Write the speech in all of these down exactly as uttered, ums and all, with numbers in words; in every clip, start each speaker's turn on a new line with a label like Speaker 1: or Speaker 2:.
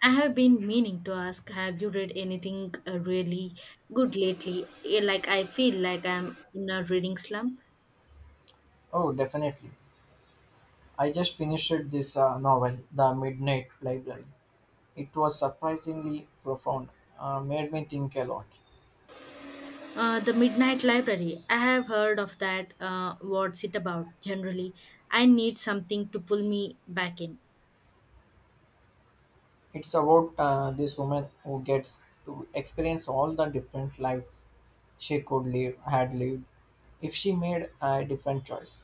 Speaker 1: I have been meaning to ask, have you read anything uh, really good lately? Eh, Like I feel like I'm in a reading slump.
Speaker 2: Oh, definitely. I just finished this uh, novel, The Midnight Library. It was surprisingly profound, uh, made me think a lot.
Speaker 1: Uh, the Midnight Library. I have heard of that. Uh, what's it about? Generally, I need something to pull me back in.
Speaker 2: It's about uh, this woman who gets to experience all the different lives she could live, had lived, if she made a different choice.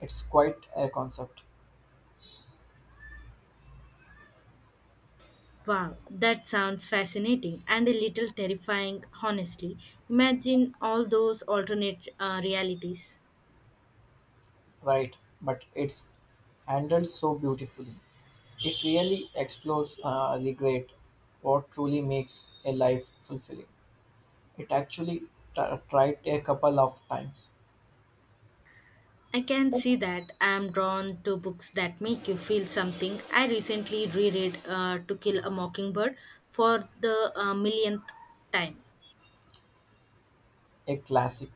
Speaker 2: It's quite a concept,
Speaker 1: Wow, that sounds fascinating and a little terrifying, honestly. Imagine all those alternate uh, realities.
Speaker 2: right? But it's handled so beautifully. It really explores uh, regret, what truly makes a life fulfilling. It actually t- tried a couple of times.
Speaker 1: I can see that. I am drawn to books that make you feel something. I recently reread uh, To Kill a Mockingbird for the uh, millionth time.
Speaker 2: A classic.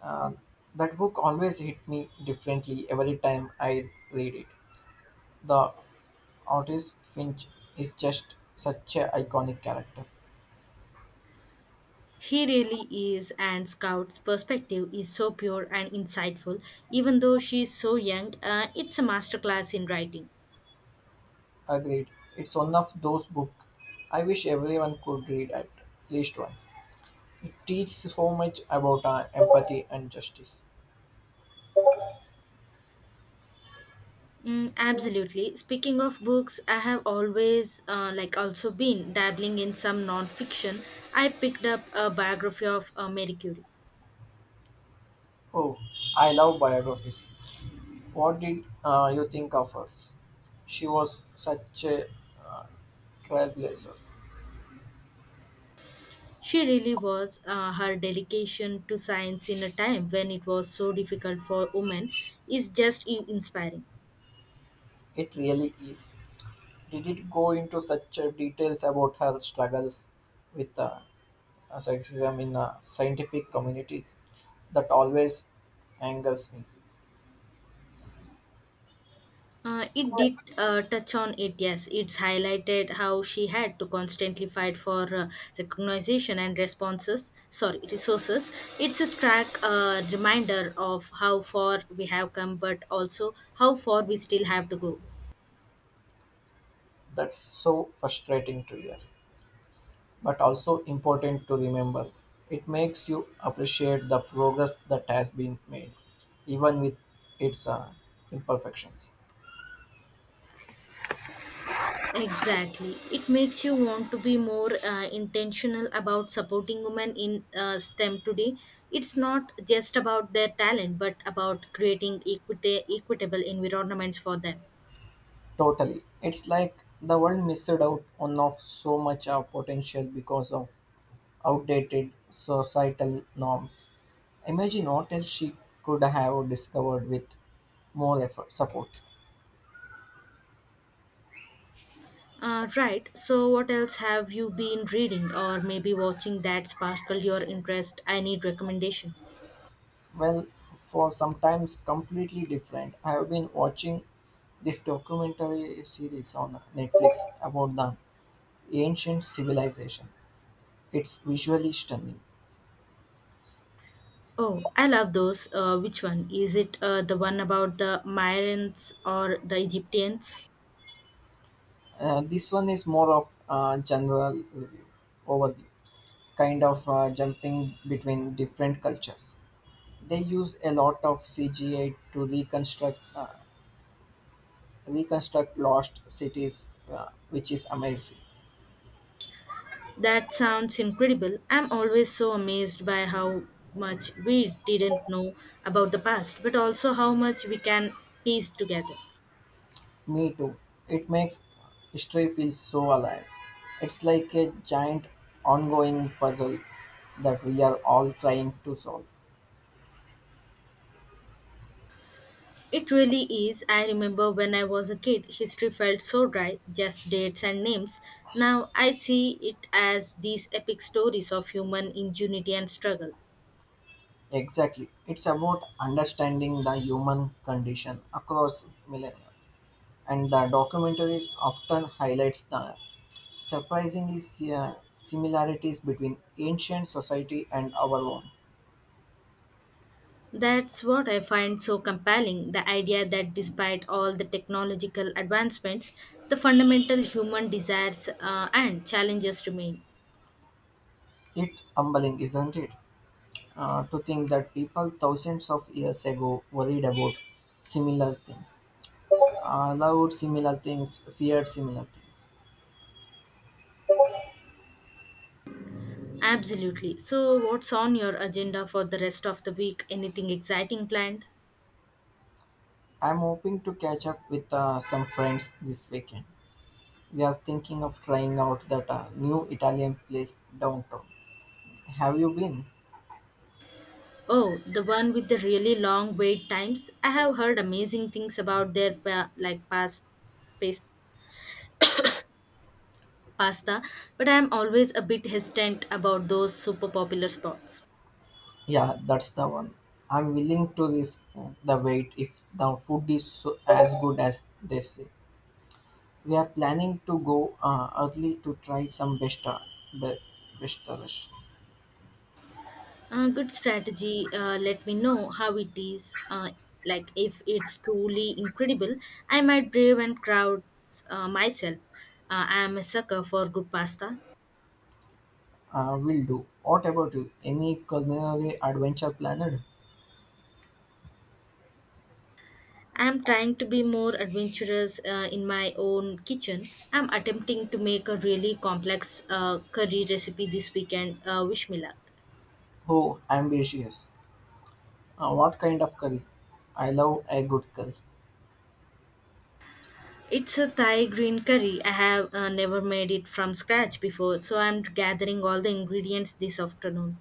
Speaker 2: Uh, that book always hit me differently every time I read it. The artist Finch is just such an iconic character.
Speaker 1: He really is, and Scout's perspective is so pure and insightful. Even though she is so young, uh, it's a masterclass in writing.
Speaker 2: Agreed. It's one of those books I wish everyone could read at least once. It teaches so much about uh, empathy and justice.
Speaker 1: Mm, absolutely. Speaking of books, I have always uh, like also been dabbling in some non-fiction. I picked up a biography of uh, Marie Curie.
Speaker 2: Oh, I love biographies. What did uh, you think of hers? She was such a uh, trailblazer.
Speaker 1: She really was. Uh, her dedication to science in a time when it was so difficult for women is just i- inspiring.
Speaker 2: It really is. Did it go into such uh, details about her struggles with uh, uh, sexism in uh, scientific communities that always angers me?
Speaker 1: Uh, it did uh, touch on it, yes. It's highlighted how she had to constantly fight for uh, recognition and responses, sorry, resources. It's a stark uh, reminder of how far we have come, but also how far we still have to go.
Speaker 2: That's so frustrating to hear, but also important to remember. It makes you appreciate the progress that has been made, even with its uh, imperfections.
Speaker 1: Exactly. It makes you want to be more uh, intentional about supporting women in uh, STEM today. It's not just about their talent, but about creating equita- equitable environments for them.
Speaker 2: Totally. It's like the world missed out on of so much uh, potential because of outdated societal norms. Imagine what else she could have discovered with more effort, support.
Speaker 1: Uh, right. So, what else have you been reading or maybe watching that sparkle your interest? I need recommendations.
Speaker 2: Well, for sometimes completely different. I have been watching this documentary series on Netflix about the ancient civilization. It's visually stunning.
Speaker 1: Oh, I love those. Uh, which one? Is it uh, the one about the Myrans or the Egyptians?
Speaker 2: Uh, this one is more of a general review, overview, kind of uh, jumping between different cultures. They use a lot of C G I to reconstruct uh, reconstruct lost cities, uh, which is amazing.
Speaker 1: That sounds incredible. I'm always so amazed by how much we didn't know about the past, but also how much we can piece together.
Speaker 2: Me too. It makes history feel so alive. It's like a giant ongoing puzzle that we are all trying to solve.
Speaker 1: It really is. I remember when I was a kid, history felt so dry, just dates and names. Now I see it as these epic stories of human ingenuity and struggle.
Speaker 2: Exactly. It's about understanding the human condition across millennia. And the documentaries often highlights the surprisingly si- similarities between ancient society and our own.
Speaker 1: That's what I find so compelling, the idea that despite all the technological advancements, the fundamental human desires uh, and challenges remain.
Speaker 2: It's humbling, isn't it, uh, to think that people thousands of years ago worried about similar things, uh, loved similar things, feared similar things.
Speaker 1: Absolutely. So, what's on your agenda for the rest of the week? Anything exciting planned?
Speaker 2: I'm hoping to catch up with uh, some friends this weekend. We are thinking of trying out that uh, new Italian place downtown. Have you been?
Speaker 1: Oh, the one with the really long wait times. I have heard amazing things about their pa- like past pas- pasta, but I am always a bit hesitant about those super popular spots.
Speaker 2: Yeah, that's the one. I'm willing to risk the wait if the food is so, as good as they say. We are planning to go uh, early to try some besta, be, bestaras.
Speaker 1: Uh, good strategy. Uh, let me know how it is. Uh, like if it's truly incredible, I might brave and crowds uh, myself. Uh, I am a sucker for good pasta.
Speaker 2: Uh, will do. What about you? Any culinary adventure planned?
Speaker 1: I'm trying to be more adventurous uh, in my own kitchen. I'm attempting to make a really complex uh, curry recipe this weekend. Uh, wish me luck.
Speaker 2: Oh, ambitious. Uh, what kind of curry? I love a good curry.
Speaker 1: It's a Thai green curry. I have uh, never made it from scratch before, so I'm gathering all the ingredients this afternoon.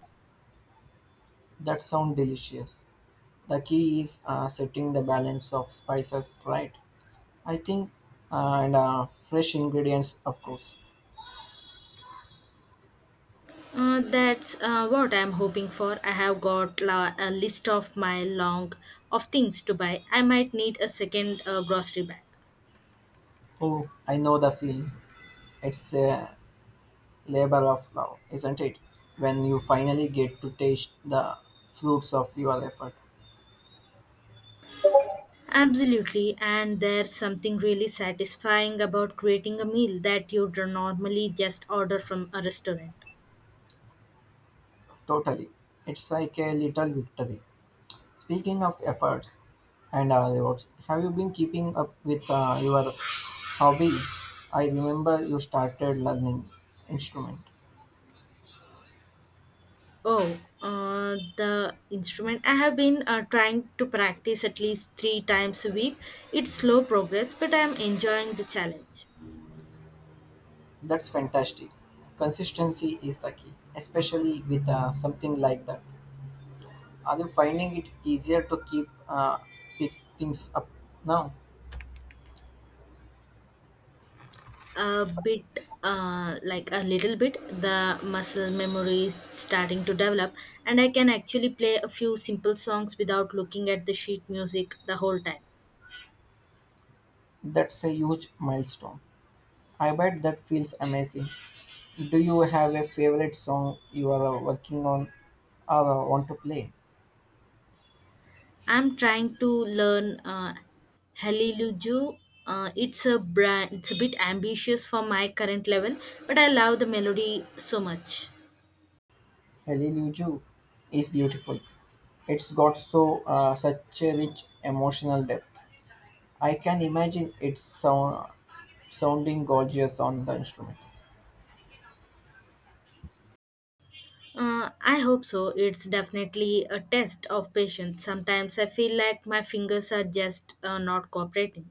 Speaker 2: That sounds delicious. The key is uh, setting the balance of spices right. I think, uh, and uh, fresh ingredients, of course.
Speaker 1: Uh, that's uh, what I'm hoping for. I have got la- a list of my long of things to buy. I might need a second uh, grocery bag.
Speaker 2: Oh, I know the feeling. It's a labor of love, isn't it? When you finally get to taste the fruits of your effort.
Speaker 1: Absolutely, and there's something really satisfying about creating a meal that you'd normally just order from a restaurant.
Speaker 2: Totally. It's like a little victory. Speaking of efforts and uh, rewards, have you been keeping up with uh, your hobby? I remember you started learning instrument.
Speaker 1: Oh, uh, the instrument. I have been uh, trying to practice at least three times a week. It's slow progress, but I'm enjoying the challenge.
Speaker 2: That's fantastic. Consistency is the key, especially with uh, something like that. Are you finding it easier to keep uh, pick things up now?
Speaker 1: A bit, uh, like a little bit, the muscle memory is starting to develop, and I can actually play a few simple songs without looking at the sheet music the whole time.
Speaker 2: That's a huge milestone. I bet that feels amazing. Do you have a favorite song you are uh, working on or uh, want to play?
Speaker 1: I'm trying to learn uh, Halilujo. Uh, it's a brand, it's a bit ambitious for my current level, but I love the melody so much.
Speaker 2: Hallelujah is beautiful. It's got so uh, such a rich emotional depth. I can imagine it's sound, sounding gorgeous on the instrument.
Speaker 1: Uh, I hope so. It's definitely a test of patience. Sometimes I feel like my fingers are just uh, not cooperating.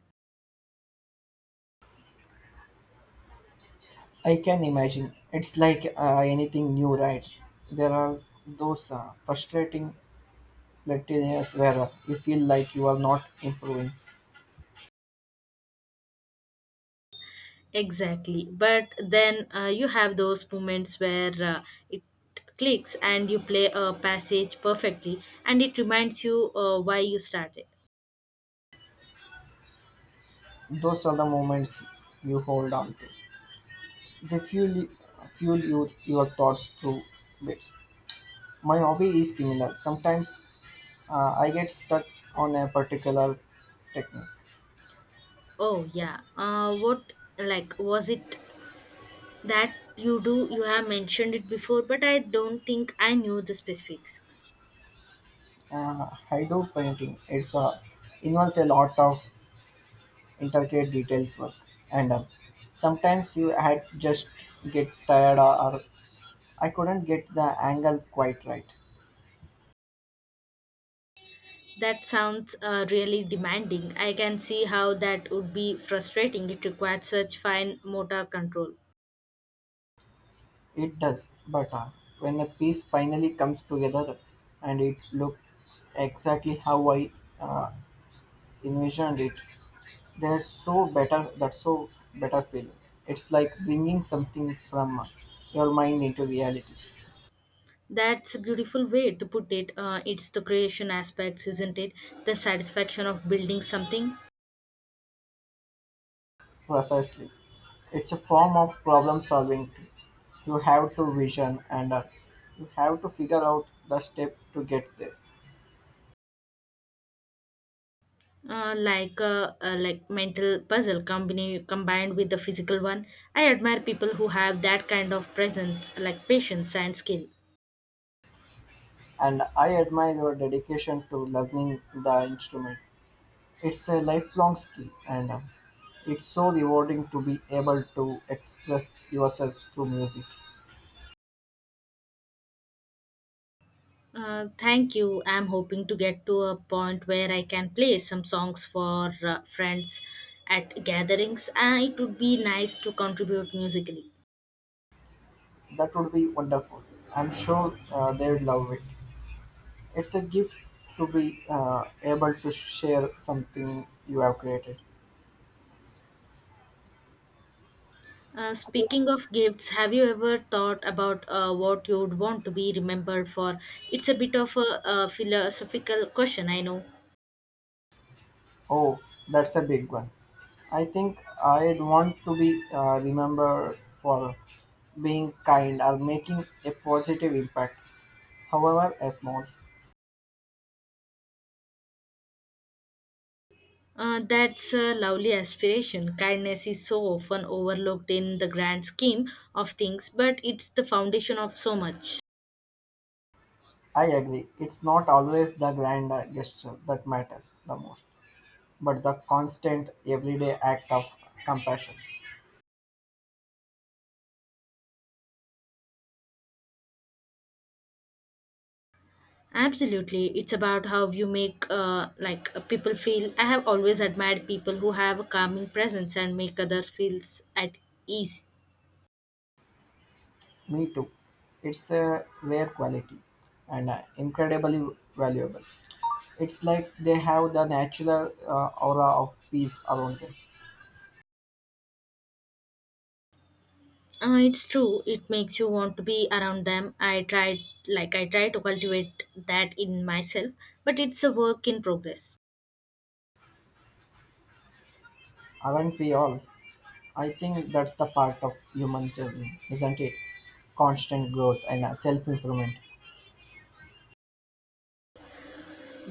Speaker 2: I can imagine. It's like uh, anything new, right? There are those uh, frustrating platinums where uh, you feel like you are not improving.
Speaker 1: Exactly. But then uh, you have those moments where uh, it clicks and you play a passage perfectly, and it reminds you uh, why you started.
Speaker 2: Those are the moments you hold on to. They fuel, Fuel your, your thoughts through bits. My hobby is similar. Sometimes uh, I get stuck on a particular technique.
Speaker 1: Oh yeah. Uh, what like was it that you do? You have mentioned it before, but I don't think I knew the specifics.
Speaker 2: Uh, I do painting. It's a involves a lot of intricate details work, and uh, sometimes you had just get tired or, or I couldn't get the angle quite right.
Speaker 1: That sounds uh, really demanding. I can see how that would be frustrating. It requires such fine motor control.
Speaker 2: It does, but uh, when the piece finally comes together and it looks exactly how I uh, envisioned it. There's so better that's so better feeling. It's like bringing something from your mind into reality.
Speaker 1: That's a beautiful way to put it. Uh, it's the creation aspects, isn't it? The satisfaction of building something.
Speaker 2: Precisely, it's a form of problem solving. Too. You have to vision and uh, you have to figure out the step to get there.
Speaker 1: Uh, like uh, uh, like mental puzzle company combined with the physical one. I admire people who have that kind of presence, like patience and skill.
Speaker 2: And I admire your dedication to learning the instrument. It's a lifelong skill, and uh, it's so rewarding to be able to express yourself through music.
Speaker 1: Uh, thank you. I'm hoping to get to a point where I can play some songs for uh, friends at gatherings. Uh, it would be nice to contribute musically.
Speaker 2: That would be wonderful. I'm sure uh, they'd love it. It's a gift to be uh, able to share something you have created.
Speaker 1: Uh, speaking of gifts, have you ever thought about uh, what you would want to be remembered for? It's a bit of a, a philosophical question, I know.
Speaker 2: Oh, that's a big one. I think I'd want to be uh, remembered for being kind or making a positive impact, however a small.
Speaker 1: Uh, that's a lovely aspiration. Kindness is so often overlooked in the grand scheme of things, but it's the foundation of so much.
Speaker 2: I agree, it's not always the grand gesture that matters the most, but the constant everyday act of compassion.
Speaker 1: Absolutely, it's about how you make uh, like uh, people feel. I have always admired people who have a calming presence and make others feel at ease.
Speaker 2: Me too. It's a rare quality and uh, incredibly valuable. It's like they have the natural uh, aura of peace around them.
Speaker 1: Uh, it's true. It makes you want to be around them. I try, like I try to cultivate that in myself, but it's a work in progress.
Speaker 2: Aren't we all? I think that's the part of human journey, isn't it? Constant growth and uh, self-improvement,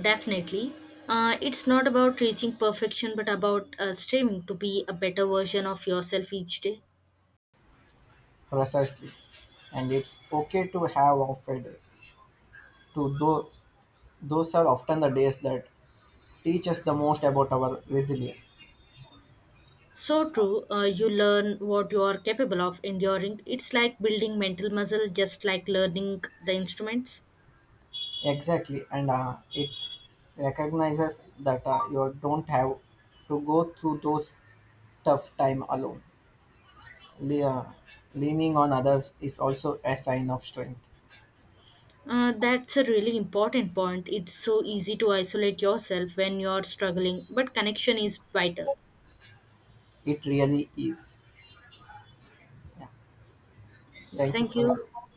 Speaker 1: Definitely. Uh, it's not about reaching perfection, but about uh, striving to be a better version of yourself each day.
Speaker 2: precisely. And it's okay to have off days. To tho- those are often the days that teach us the most about our resilience.
Speaker 1: So true, uh, you learn what you are capable of enduring. It's like building mental muscle, just like learning the instruments.
Speaker 2: Exactly, and uh, it recognizes that uh, you don't have to go through those tough time alone. Le- uh, Leaning on others is also a sign of strength.
Speaker 1: Uh, that's a really important point. It's so easy to isolate yourself when you are struggling, but connection is vital.
Speaker 2: It really is. Yeah. Thank you
Speaker 1: Thank
Speaker 2: for
Speaker 1: you.
Speaker 2: that.